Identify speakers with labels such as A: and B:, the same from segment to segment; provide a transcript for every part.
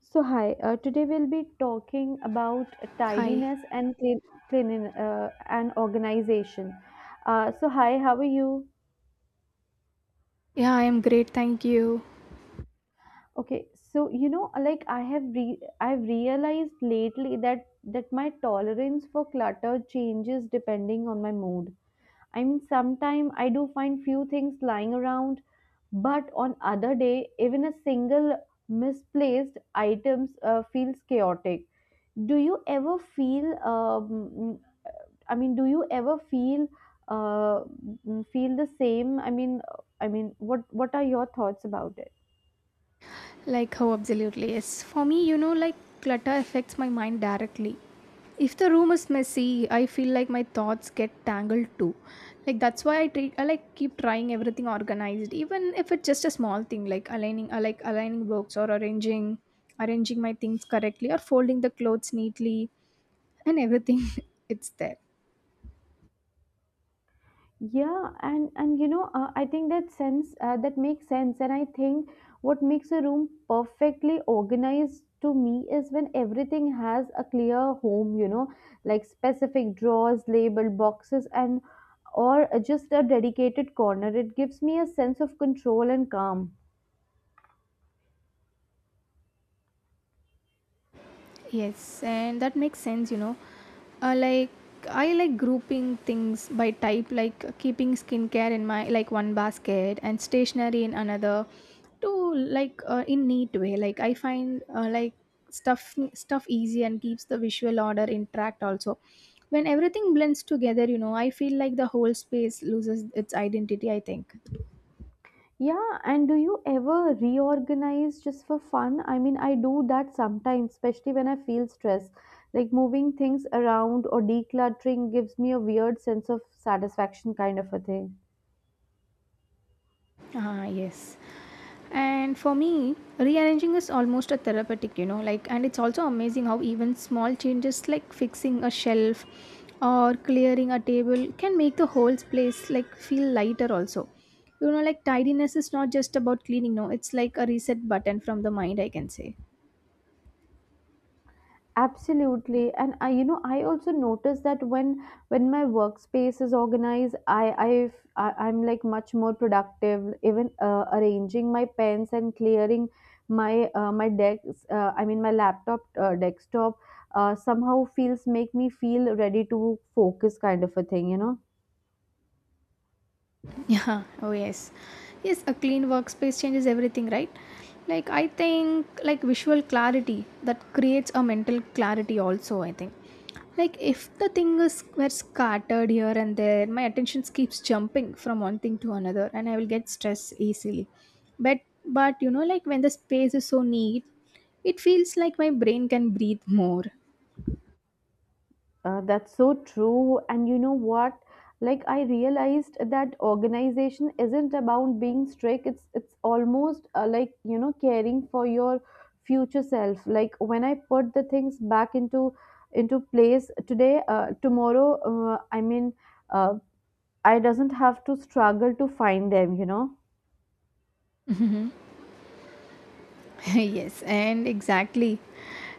A: So, hi, today we'll be talking about
B: Hi.
A: tidiness and clean and organization. So, hi, how are you?
B: Yeah, I am great. Thank you.
A: Okay, so you know, like I've realized lately that my tolerance for clutter changes depending on my mood. I mean, sometimes I do find few things lying around, but on other day, even a single misplaced items feels chaotic. do you ever feel um, do you ever uh, feel the same? I mean, what are your thoughts about it?
B: Like, how absolutely yes. For me, you know, like clutter affects my mind directly. If the room is messy, I feel like my thoughts get tangled too. Like that's why I treat I like keep trying everything organized, even if it's just a small thing like aligning, I like aligning books or arranging, arranging my things correctly or folding the clothes neatly and everything. It's there.
A: Yeah, and you know, I think that makes sense, and I think what makes a room perfectly organized to me is when everything has a clear home. You know, like specific drawers, labeled boxes, and or just a dedicated corner. It gives me a sense of control and calm.
B: Yes, and that makes sense, you know. Like I like grouping things by type, like keeping skincare in my like one basket and stationery in another, to like in neat way. Like I find like stuff easy and keeps the visual order intact. Also, when everything blends together, you know, I feel like the whole space loses its identity. I think.
A: Yeah, and do you ever reorganize just for fun? I mean, I do that sometimes, especially when I feel stressed. Like moving things around or decluttering gives me a weird sense of satisfaction, kind of a thing.
B: Ah, yes. And for me, rearranging is almost a therapeutic, you know, like, and it's also amazing how even small changes like fixing a shelf or clearing a table can make the whole place like feel lighter, also. You know, like, tidiness is not just about cleaning, no, it's like a reset button from the mind, I can say.
A: Absolutely. And i you know i also notice that when my workspace is organized, I I've, I I'm like much more productive, even arranging my pens and clearing my desk, I mean my laptop, desktop, somehow feels make me feel ready to focus, kind of a thing, you know.
B: Yeah, oh yes. Yes, a clean workspace changes everything, right? Like I think like visual clarity that creates a mental clarity also, I think. Like if the thing is were scattered here and there, my attention keeps jumping from one thing to another and I will get stressed easily. But but you know like when the space is so neat, it feels like my brain can breathe more.
A: That's so true. And you know what? Like I realized that organization isn't about being strict. It's almost, like, caring for your future self. Like when I put the things back into place today, tomorrow, I mean, uh, I doesn't have to struggle to find them, you know.
B: Yes, and exactly.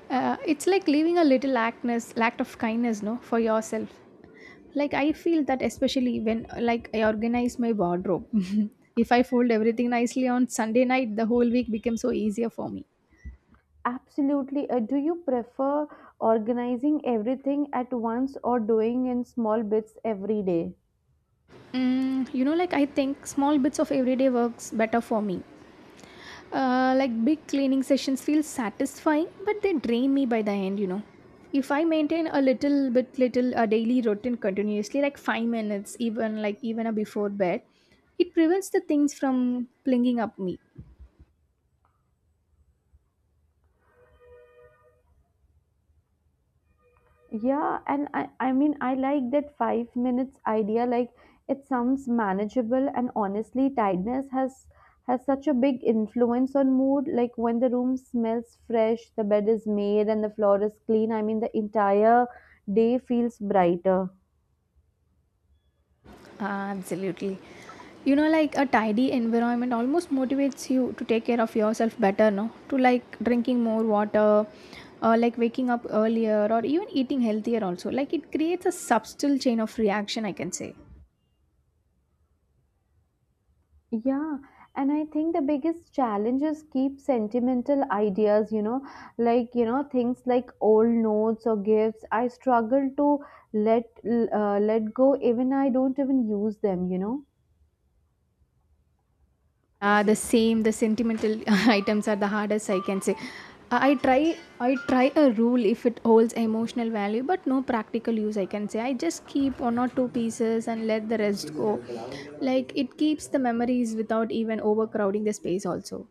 B: It's like leaving a little actness, act of kindness, no, for yourself. Like I feel that especially when like I organize my wardrobe. If I fold everything nicely on Sunday night, the whole week becomes so easier for me.
A: Absolutely. Do you prefer organizing everything at once or doing in small bits every day?
B: Mm, you know, like I think small bits of everyday works better for me. Like big cleaning sessions feel satisfying, but they drain me by the end, you know. If I maintain a little bit, little a daily routine continuously, like 5 minutes, even like even a before bed, it prevents the things from clinging up me.
A: Yeah, and I like that 5 minutes idea. Like, it sounds manageable, and honestly, tiredness has such a big influence on mood. Like when the room smells fresh, the bed is made, and the floor is clean. I mean, the entire day feels brighter.
B: Absolutely, you know, like a tidy environment almost motivates you to take care of yourself better, no? To like drinking more water, like waking up earlier, or even eating healthier. Also, like it creates a subtle chain of reaction, I can say.
A: Yeah, and I think the biggest challenge is keep sentimental ideas, you know, like, things like old notes or gifts. I struggle to let go, even I don't even use them, you know.
B: The same, the sentimental items are the hardest, I can say. I try a rule if it holds emotional value, but no practical use. I can say I just keep 1 or 2 pieces and let the rest go. Like it keeps the memories without even overcrowding the space. Also,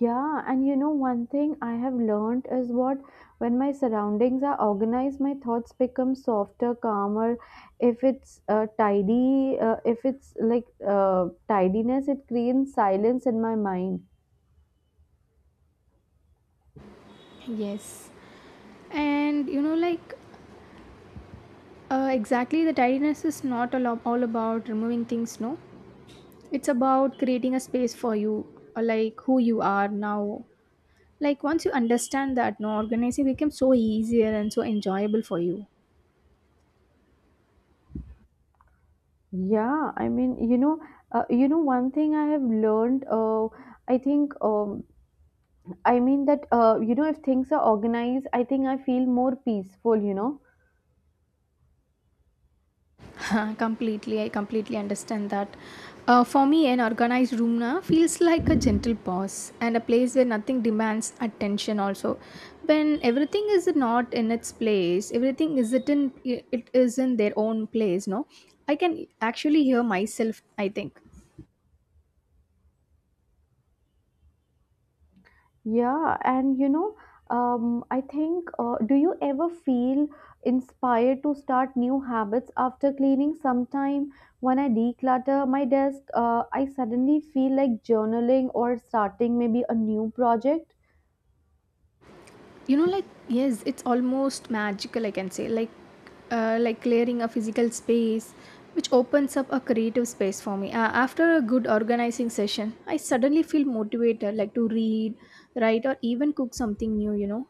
A: Yeah, and you know, one thing I have learned is what when my surroundings are organized, my thoughts become softer, calmer. If it's like tidiness, it creates silence in my mind.
B: yes, and you know, like exactly, the tidiness is not all, ab- all about removing things. No, it's about creating a space for you, like who you are now. Like once you understand that, no organizing becomes so easier and so enjoyable for you.
A: Yeah, I mean, you know, one thing I have learned, I think, I mean that, you know, if things are organized, I think I feel more peaceful, you know.
B: Completely, I completely understand that. For me, an organized room na feels like a gentle pause and a place where nothing demands attention. Also, when everything is not in its place, everything isn't in it is in their own place. No, I can actually hear myself. I think
A: Yeah, and you know, I think, do you ever feel inspired to start new habits after cleaning? Sometime when I declutter my desk, I suddenly feel like journaling or starting maybe a new project.
B: you know like yes it's almost magical I can say like clearing a physical space which opens up a creative space for me after a good organizing session I suddenly feel motivated like to read write or even cook something new you know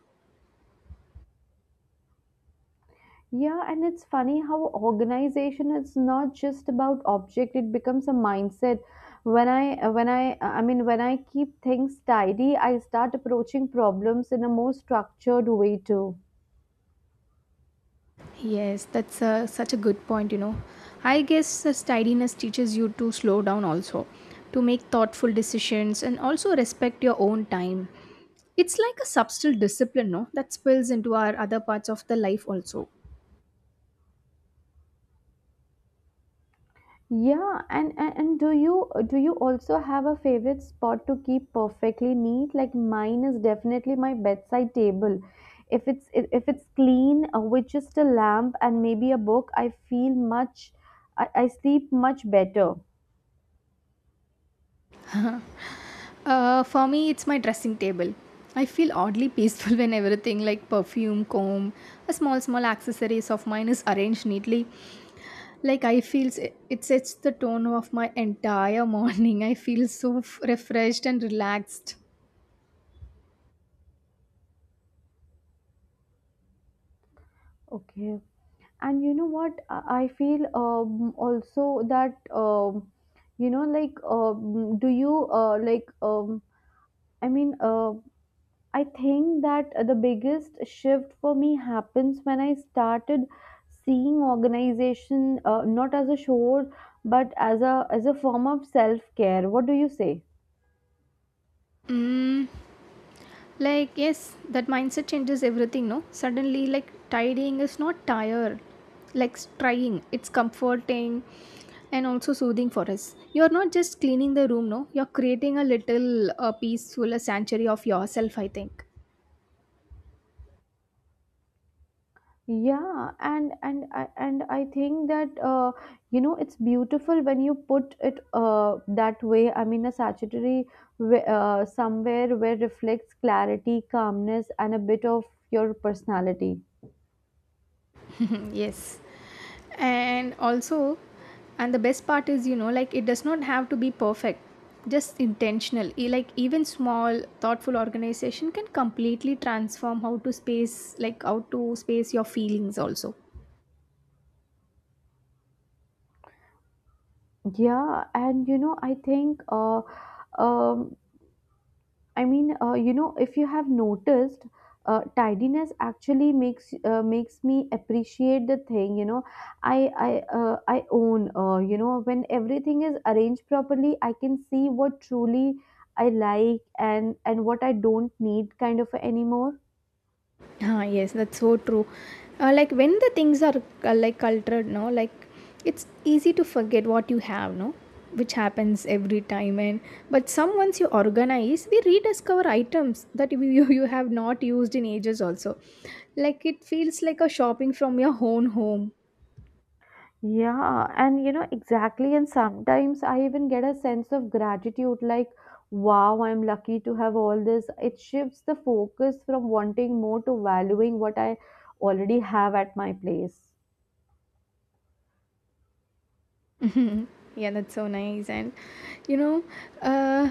A: Yeah, and it's funny how organization is not just about object, it becomes a mindset. When I keep things tidy, I start approaching problems in a more structured way too.
B: yes that's a, such a good point you know I guess this tidiness teaches you to slow down also to make thoughtful decisions and also respect your own time it's like a subtle discipline no that spills into our other parts of the life also.
A: Yeah, and, and do you also have a favorite spot to keep perfectly neat? Like mine is definitely my bedside table. If it's clean, with just a lamp and maybe a book, I sleep much better.
B: For me, it's my dressing table. I feel oddly peaceful when everything like perfume, comb, a small small accessories of mine is arranged neatly. Like I feel s- it sets the tone of my entire morning. I feel so f- refreshed and relaxed.
A: Okay. And you know what, I feel also that do you like i mean uh, I think that the biggest shift for me happens when I started seeing organization, not as a chore but as a form of self care. What do you say?
B: Like yes that mindset changes everything no suddenly like tidying is not tired like trying it's comforting and also soothing for us you're not just cleaning the room no you're creating a little peaceful a sanctuary of yourself I think.
A: Yeah, and I think that, you know, it's beautiful when you put it, that way. I mean, a statuary, somewhere where reflects clarity, calmness, and a bit of your personality.
B: Yes and also and the best part is you know like it does not have to be perfect just intentional E- like even small thoughtful organization can completely transform how to space like how to space your feelings also.
A: Yeah, and you know, I think, um, I mean, you know, if you have noticed, tidiness actually makes me appreciate the thing. You know, I I I own. You know, when everything is arranged properly, I can see what truly I like and what I don't need, kind of anymore.
B: Ah, yes, that's so true. Like when the things are like cultured, no, like it's easy to forget what you have, no, which happens every time. And but some once you organize, we rediscover items that you have not used in ages. Also, like it feels like a shopping from your own home.
A: Yeah, and you know, exactly. And sometimes I even get a sense of gratitude like, wow, I'm lucky to have all this. It shifts the focus from wanting more to valuing what I already have at my place.
B: Mhm. Yeah, that's so nice. And you know, uh,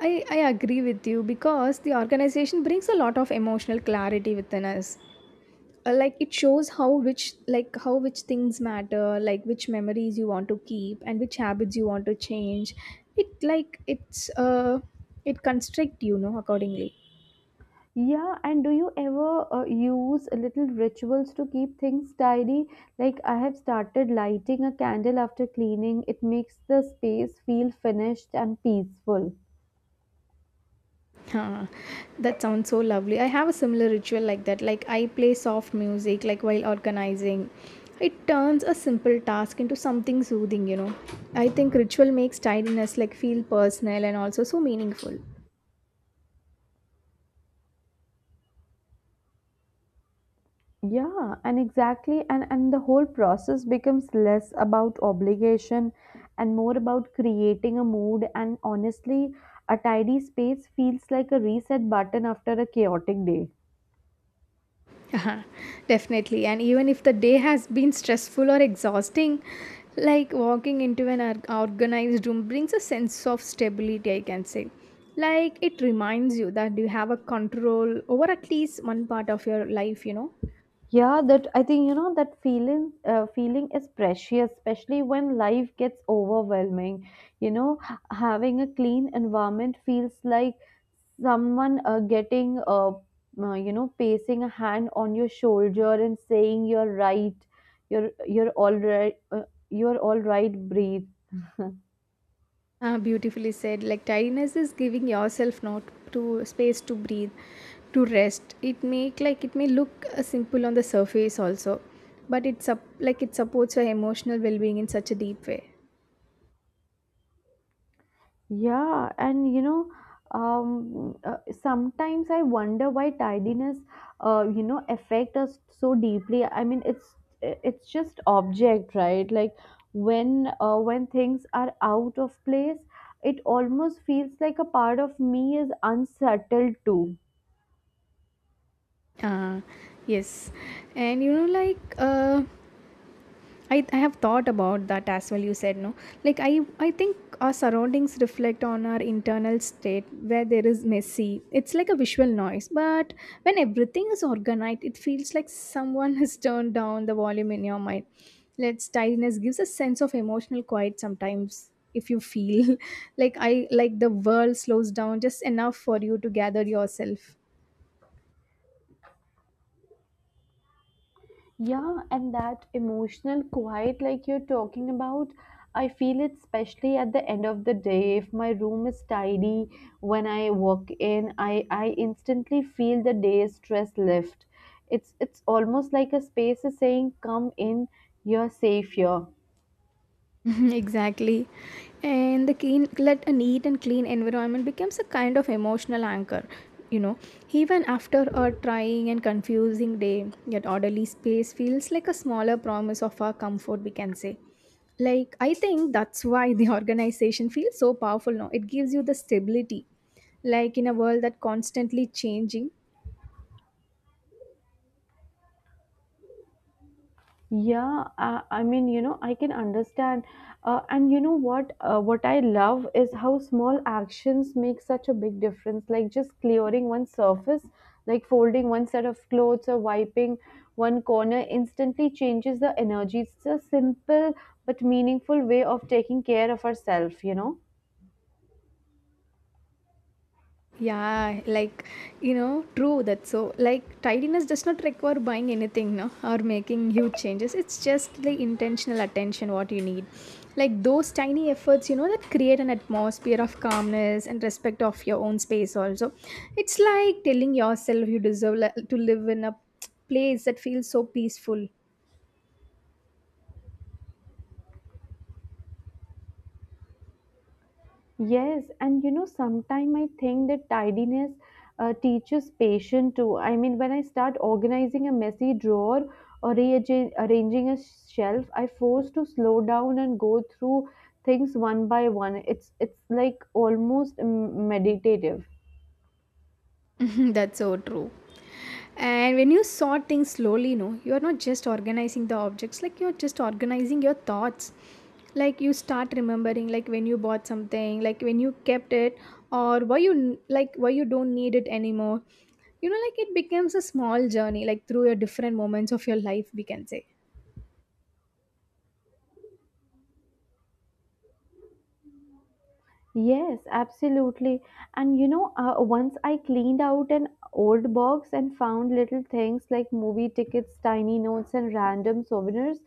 B: I agree with you because the organization brings a lot of emotional clarity within us. Like it shows how which like how which things matter like which memories you want to keep and which habits you want to change it like it's it constrict you know accordingly.
A: Yeah, and do you ever use little rituals to keep things tidy? Like, I have started lighting a candle after cleaning, it makes the space feel finished and peaceful.
B: Huh, that sounds so lovely. I have a similar ritual like that. Like I play soft music like while organizing. It turns a simple task into something soothing, you know. I think ritual makes tidiness like feel personal and also so meaningful.
A: Yeah, and exactly, and the whole process becomes less about obligation and more about creating a mood. And honestly, a tidy space feels like a reset button after a chaotic day.
B: Uh-huh, definitely. And even if the day has been stressful or exhausting, like walking into an or- organized room brings a sense of stability, I can say. Like it reminds you that you have a control over at least one part of your life, you know.
A: Yeah, that, I think, you know, that feeling is precious, especially when life gets overwhelming, you know. Having a clean environment feels like someone, getting you know placing a hand on your shoulder and saying, you're all right, breathe.
B: Beautifully said. Like tidiness is giving yourself not to space to breathe, to rest. It make like it may look simple on the surface also, but it's up like it supports your emotional well-being in such a deep way.
A: Yeah, and you know, sometimes I wonder why tidiness, you know, affect us so deeply. I mean, it's just object, right? Like when things are out of place, it almost feels like a part of me is unsettled too.
B: Uh, yes. And you know, like I have thought about that as well. You said no. Like I think our surroundings reflect on our internal state where there is messy. It's like a visual noise. But when everything is organized, it feels like someone has turned down the volume in your mind. Let's tidiness gives a sense of emotional quiet sometimes. If you feel like I like the world slows down just enough for you to gather yourself.
A: Yeah, and that emotional quiet, like you're talking about, I feel it especially at the end of the day. If my room is tidy when I walk in, I instantly feel the day's stress lift. It's almost like a space is saying, come in, you're safe here.
B: Exactly. And the clean, let a neat and clean environment becomes a kind of emotional anchor. You know, even after a trying and confusing day, yet orderly space feels like a smaller promise of our comfort, we can say. Like, I think that's why the organization feels so powerful now. It gives you the stability. Like, in a world that constantly changing,
A: Yeah, I mean, you know, I can understand. And you know what? What I love is how small actions make such a big difference. Like just clearing one surface, like folding one set of clothes or wiping one corner instantly changes the energy. It's a simple but meaningful way of taking care of ourselves, you know?
B: yeah, like you know, true that's so like tidiness does not require buying anything, no, or making huge changes. It's just the intentional attention what you need. Like those tiny efforts, you know, that create an atmosphere of calmness and respect of your own space also. It's like telling yourself you deserve li- to live in a place that feels so peaceful.
A: Yes, and you know, sometimes I think that tidiness teaches patience too. I mean, when I start organizing a messy drawer or rearranging arranging a shelf, I force to slow down and go through things one by one. It's like almost, meditative.
B: That's so true. And when you sort things slowly, no, you're not just organizing the objects, like you're just organizing your thoughts. Like you start remembering, like when you bought something, like when you kept it, or why you n- like why you don't need it anymore. You know, like it becomes a small journey, like through your different moments of your life, we can say.
A: Yes, absolutely. And you know, once I cleaned out an old box and found little things like movie tickets, tiny notes, and random souvenirs.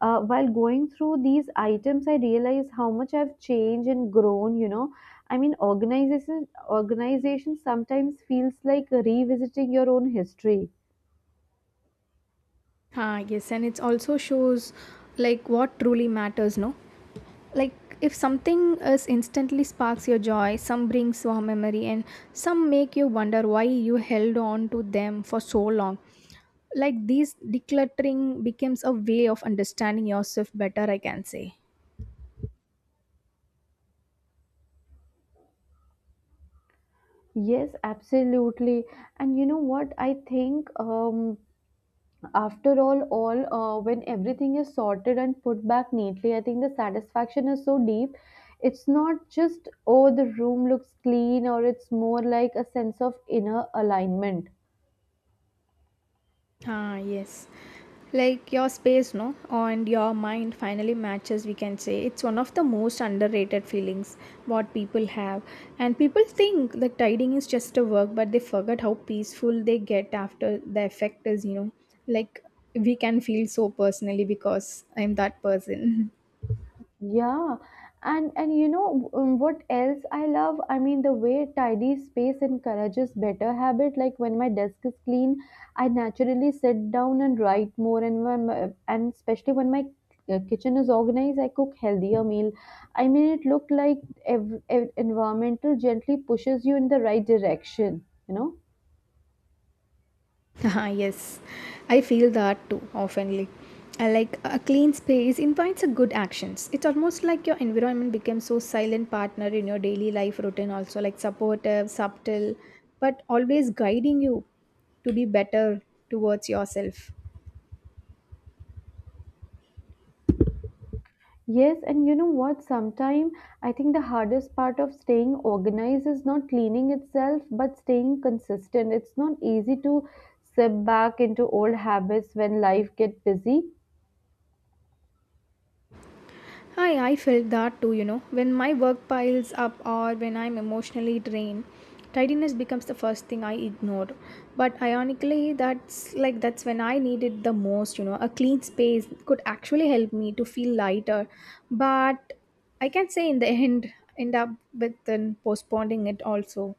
A: While going through these items, I realized how much I've changed and grown. You know, I mean, organization sometimes feels like revisiting your own history.
B: Ah, yes, and it also shows like what truly matters, no? Like if something is instantly sparks your joy some brings warm memory and some make you wonder why you held on to them for so long like this decluttering becomes a way of understanding yourself better I can say.
A: Yes, absolutely. And you know what? I think, after all, when everything is sorted and put back neatly, I think the satisfaction is so deep. It's not just, oh, the room looks clean, or it's more like a sense of inner alignment.
B: Ah, yes. Like your space, no, and your mind finally matches, we can say. It's one of the most underrated feelings what people have. And people think that tidying is just a work, but they forget how peaceful they get after the effect is, you know, like we can feel so personally because I'm that person.
A: Yeah, and you know, what else I love? I mean, the way tidy space encourages better habit. Like when my desk is clean, I naturally sit down and write more. And especially when my kitchen is organized, I cook healthier meal. I mean, it looked like environmental gently pushes you in the right direction, you know?
B: Haha, yes, I feel that too oftenly. I like a clean space invites a good actions. It's almost like your environment becomes so silent partner in your daily life routine also like supportive, subtle, but always guiding you to be better towards yourself.
A: Yes, and you know what? Sometimes I think the hardest part of staying organized is not cleaning itself, but staying consistent. It's not easy to slip back into old habits when life gets busy.
B: Hi, I felt that too, you know. When my work piles up or when I'm emotionally drained, tidiness becomes the first thing I ignore. But ironically, that's when I need it the most, you know. A clean space could actually help me to feel lighter. But I can say in the end up with then postponing it also.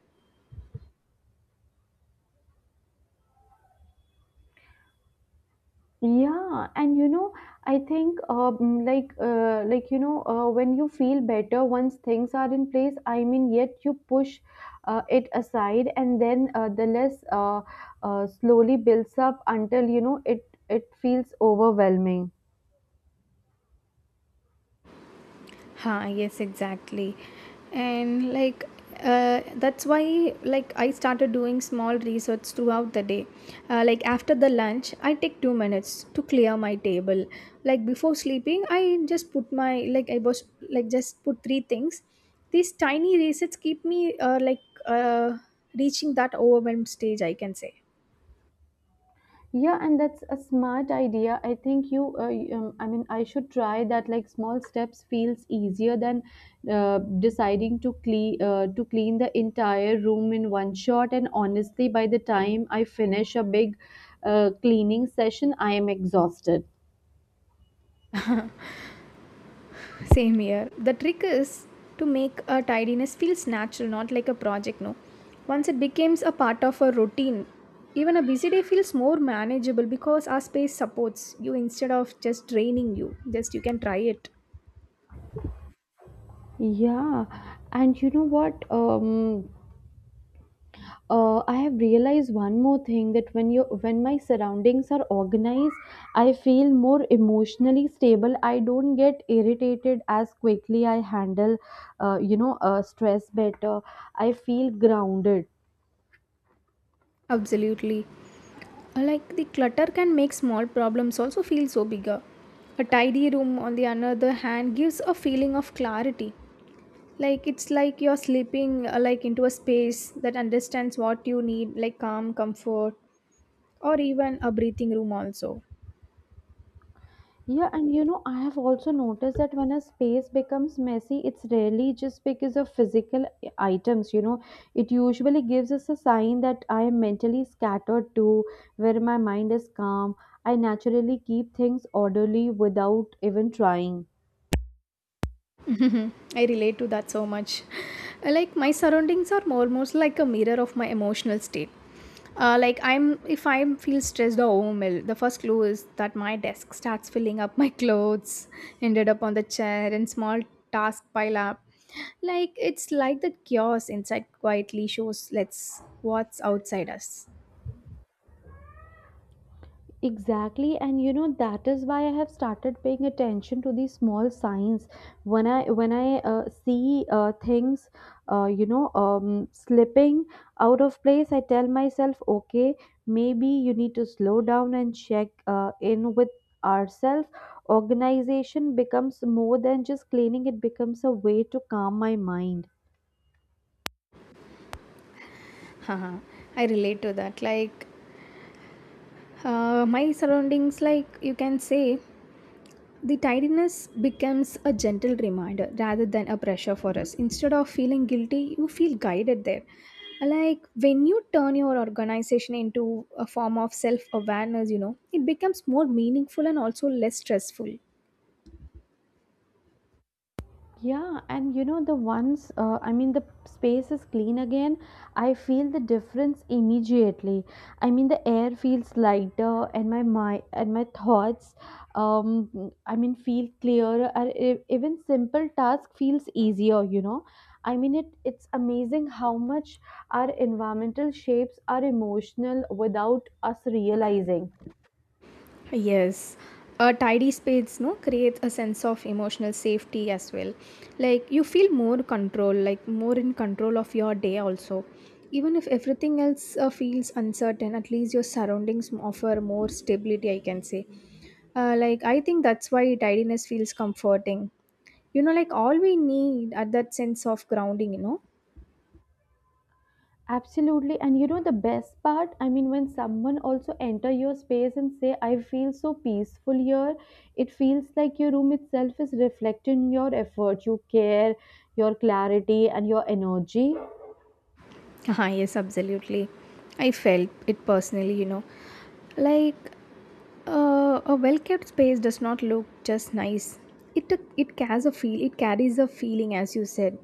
A: Yeah, and you know, I think, when you feel better once things are in place. I mean, yet you push it aside, and then the less, slowly builds up until, you know, it feels overwhelming.
B: Huh, yes, exactly. And that's why like I started doing small research throughout the day. Like after the lunch, I take 2 minutes to clear my table. Like before sleeping, I just put my like I was like just put three things. These tiny resets keep me uh, reaching that overwhelmed stage, I can say.
A: Yeah, and that's a smart idea. I think I mean, I should try that. Like small steps feels easier than deciding to clean the entire room in one shot. And honestly, by the time I finish a big, cleaning session, I am exhausted.
B: Same here. The trick is to make a tidiness feels natural, not like a project. No, once it becomes a part of a routine, even a busy day feels more manageable because our space supports you instead of just draining you. Just you can try it.
A: Yeah, and you know what? I have realized one more thing that when my surroundings are organized, I feel more emotionally stable. I don't get irritated as quickly. I handle, you know, stress better. I feel grounded.
B: Absolutely. Like the clutter can make small problems also feel so bigger. A tidy room, on the other hand, gives a feeling of clarity. Like it's like you're slipping like into a space that understands what you need, like calm, comfort, or even a breathing room also.
A: Yeah, and you know, I have also noticed that when a space becomes messy, it's rarely just because of physical items. You know, it usually gives us a sign that I am mentally scattered too, where my mind is calm. I naturally keep things orderly without even trying.
B: Mhm. I relate to that so much, like my surroundings are more almost like a mirror of my emotional state, like I'm if I feel stressed or overwhelmed, the first clue is that my desk starts filling up. My clothes ended up on the chair and small task pile up. Like it's like the chaos inside quietly shows let's what's outside us.
A: Exactly, and you know that is why I have started paying attention to these small signs. When I see, things, slipping out of place, I tell myself, okay, maybe you need to slow down and check, in with ourselves. Organization becomes more than just cleaning; it becomes a way to calm my mind.
B: Haha, I relate to that. Like my surroundings, like you can say, the tidiness becomes a gentle reminder rather than a pressure for us. Instead of feeling guilty, you feel guided there. Like when you turn your organization into a form of self awareness, you know, it becomes more meaningful and also less stressful.
A: Yeah, and you know, I mean, the space is clean again, I feel the difference immediately. I mean, the air feels lighter, and my thoughts, I mean, feel clearer. Or even simple task feels easier. You know, I mean, it's amazing how much our environmental shapes are emotional without us realizing.
B: Yes, a tidy space no creates a sense of emotional safety as well. Like you feel more control, like more in control of your day also. Even if everything else feels uncertain, at least your surroundings offer more stability. I can say, like I think that's why tidiness feels comforting. You know, like all we need are that sense of grounding. You know.
A: Absolutely. And you know the best part? I mean, when someone also enter your space and say, I feel so peaceful here, it feels like your room itself is reflecting your effort, your care, your clarity and your energy.
B: Ah, yes, absolutely. I felt it personally. You know, like a well-kept space does not look just nice. It has a feel. It carries a feeling, as you said.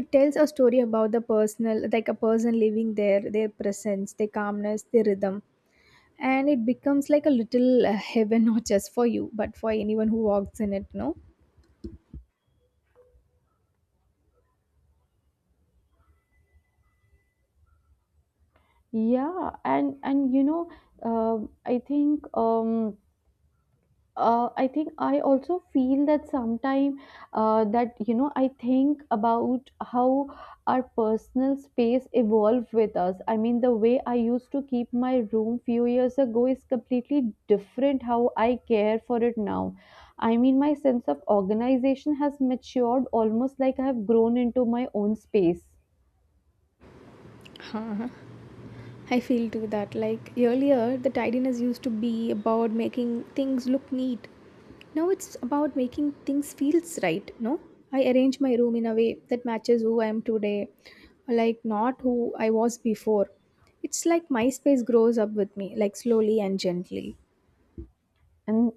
B: It tells a story about the personal, like a person living there, their presence, their calmness, their rhythm, and it becomes like a little heaven, not just for you, but for anyone who walks in it. No,
A: Yeah. And you know, um I think um I think I also feel that sometime, that, you know, I think about how our personal space evolved with us. I mean, the way I used to keep my room few years ago is completely different how I care for it now. I mean, my sense of organization has matured almost like I have grown into my own space.
B: I feel too that like earlier the tidiness used to be about making things look neat. Now it's about making things feels right, no? I arrange my room in a way that matches who I am today, like not who I was before. It's like my space grows up with me, like slowly and gently.
A: And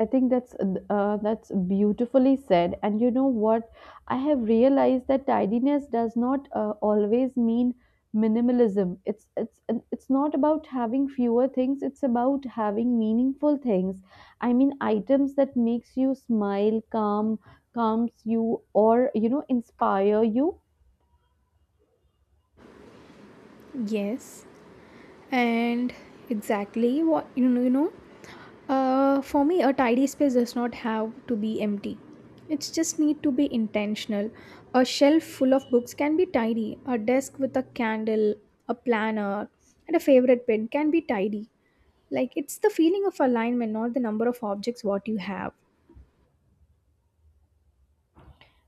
A: I think that's, that's beautifully said. And you know what, I have realized that tidiness does not, always mean minimalism. It's it's not about having fewer things, it's about having meaningful things. I mean, items that makes you smile, calms you, or you know, inspire you.
B: Yes. And exactly what you know, you know, for me a tidy space does not have to be empty, it just need to be intentional. A shelf full of books can be tidy, a desk with a candle, a planner and a favorite pen can be tidy. Like it's the feeling of alignment, not the number of objects what you have.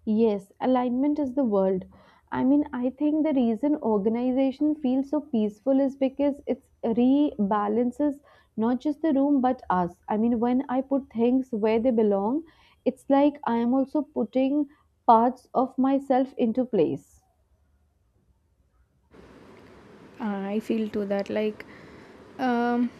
A: Yes, alignment is the world. I mean, I think the reason organization feels so peaceful is because it rebalances not just the room but us. I mean, when I put things where they belong, it's like I am also putting parts of myself into place.
B: I feel to that like um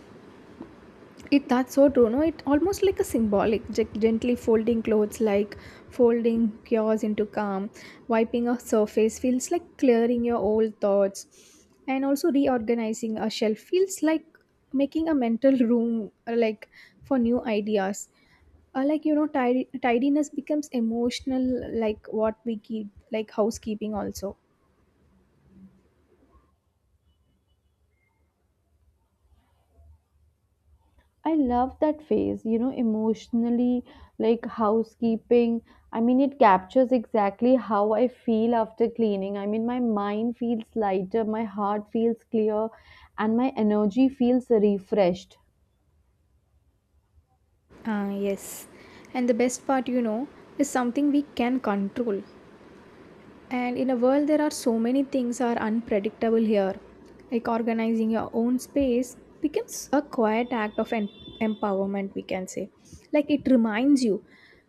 B: it that's so true. No, it almost like a symbolic, gently folding clothes, like folding yours into calm, wiping a surface feels like clearing your old thoughts, and also reorganizing a shelf feels like making a mental room, like for new ideas. Like you know, tidiness becomes emotional, like what we keep, like housekeeping also.
A: I love that phase, you know, emotionally, like housekeeping. I mean, it captures exactly how I feel after cleaning. I mean, my mind feels lighter, my heart feels clear, and my energy feels refreshed.
B: Ah, yes. And the best part, you know, is something we can control. And in a world, there are so many things are unpredictable here. Like organizing your own space becomes a quiet act of empowerment, we can say. Like it reminds you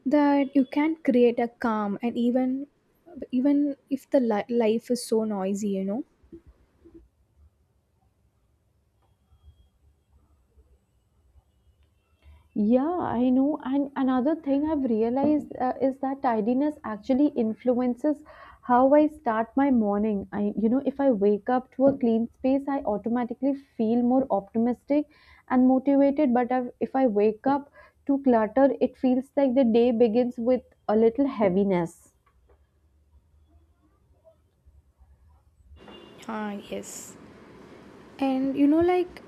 B: that you can create a calm, and even if the life is so noisy, you know.
A: Yeah, I know. And another thing I've realized, is that tidiness actually influences how I start my morning. I, you know, if I wake up to a clean space, I automatically feel more optimistic and motivated. But if I wake up to clutter, it feels like the day begins with a little heaviness.
B: Ah, yes. And you know, like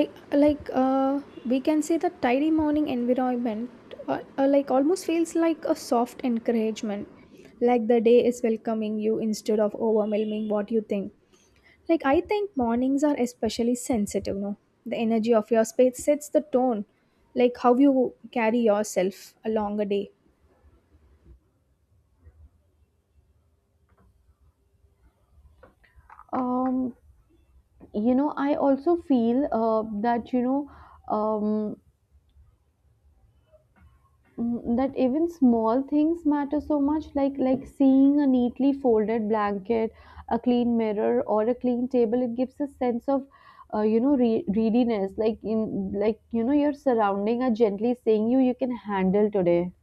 B: I like, we can say that tidy morning environment like almost feels like a soft encouragement, like the day is welcoming you instead of overwhelming what you think. Like I think mornings are especially sensitive, no? The energy of your space sets the tone, like how you carry yourself along a day.
A: Um, you know, I also feel, that, you know, um, that even small things matter so much, like seeing a neatly folded blanket, a clean mirror, or a clean table, it gives a sense of, readiness, like, in like you know your surrounding are gently saying, you can handle today.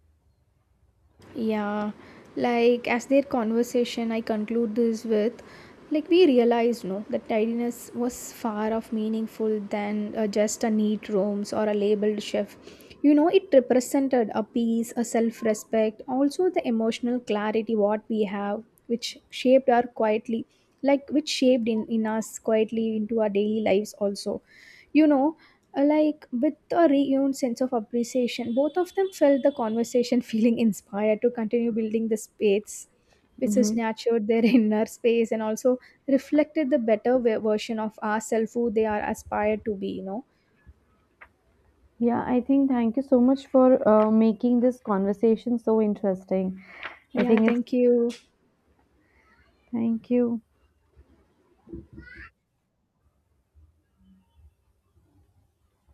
B: Yeah, like as their conversation, I conclude this with, like we realized no that tidiness was far of meaningful than just a neat rooms or a labeled chef. You know, it represented a peace, a self-respect, also the emotional clarity what we have, which shaped our quietly, like which shaped in us quietly into our daily lives also, you know. Like with a renewed sense of appreciation, both of them felt the conversation feeling inspired to continue building the space which is
A: Hmm.
B: nurtured their inner space, and also reflected the better version of ourselves who they are aspired to be, you know.
A: Yeah, I think, thank you so much for, making this conversation so interesting. I
B: Yeah,
A: think it's,
B: thank you.
A: thank you.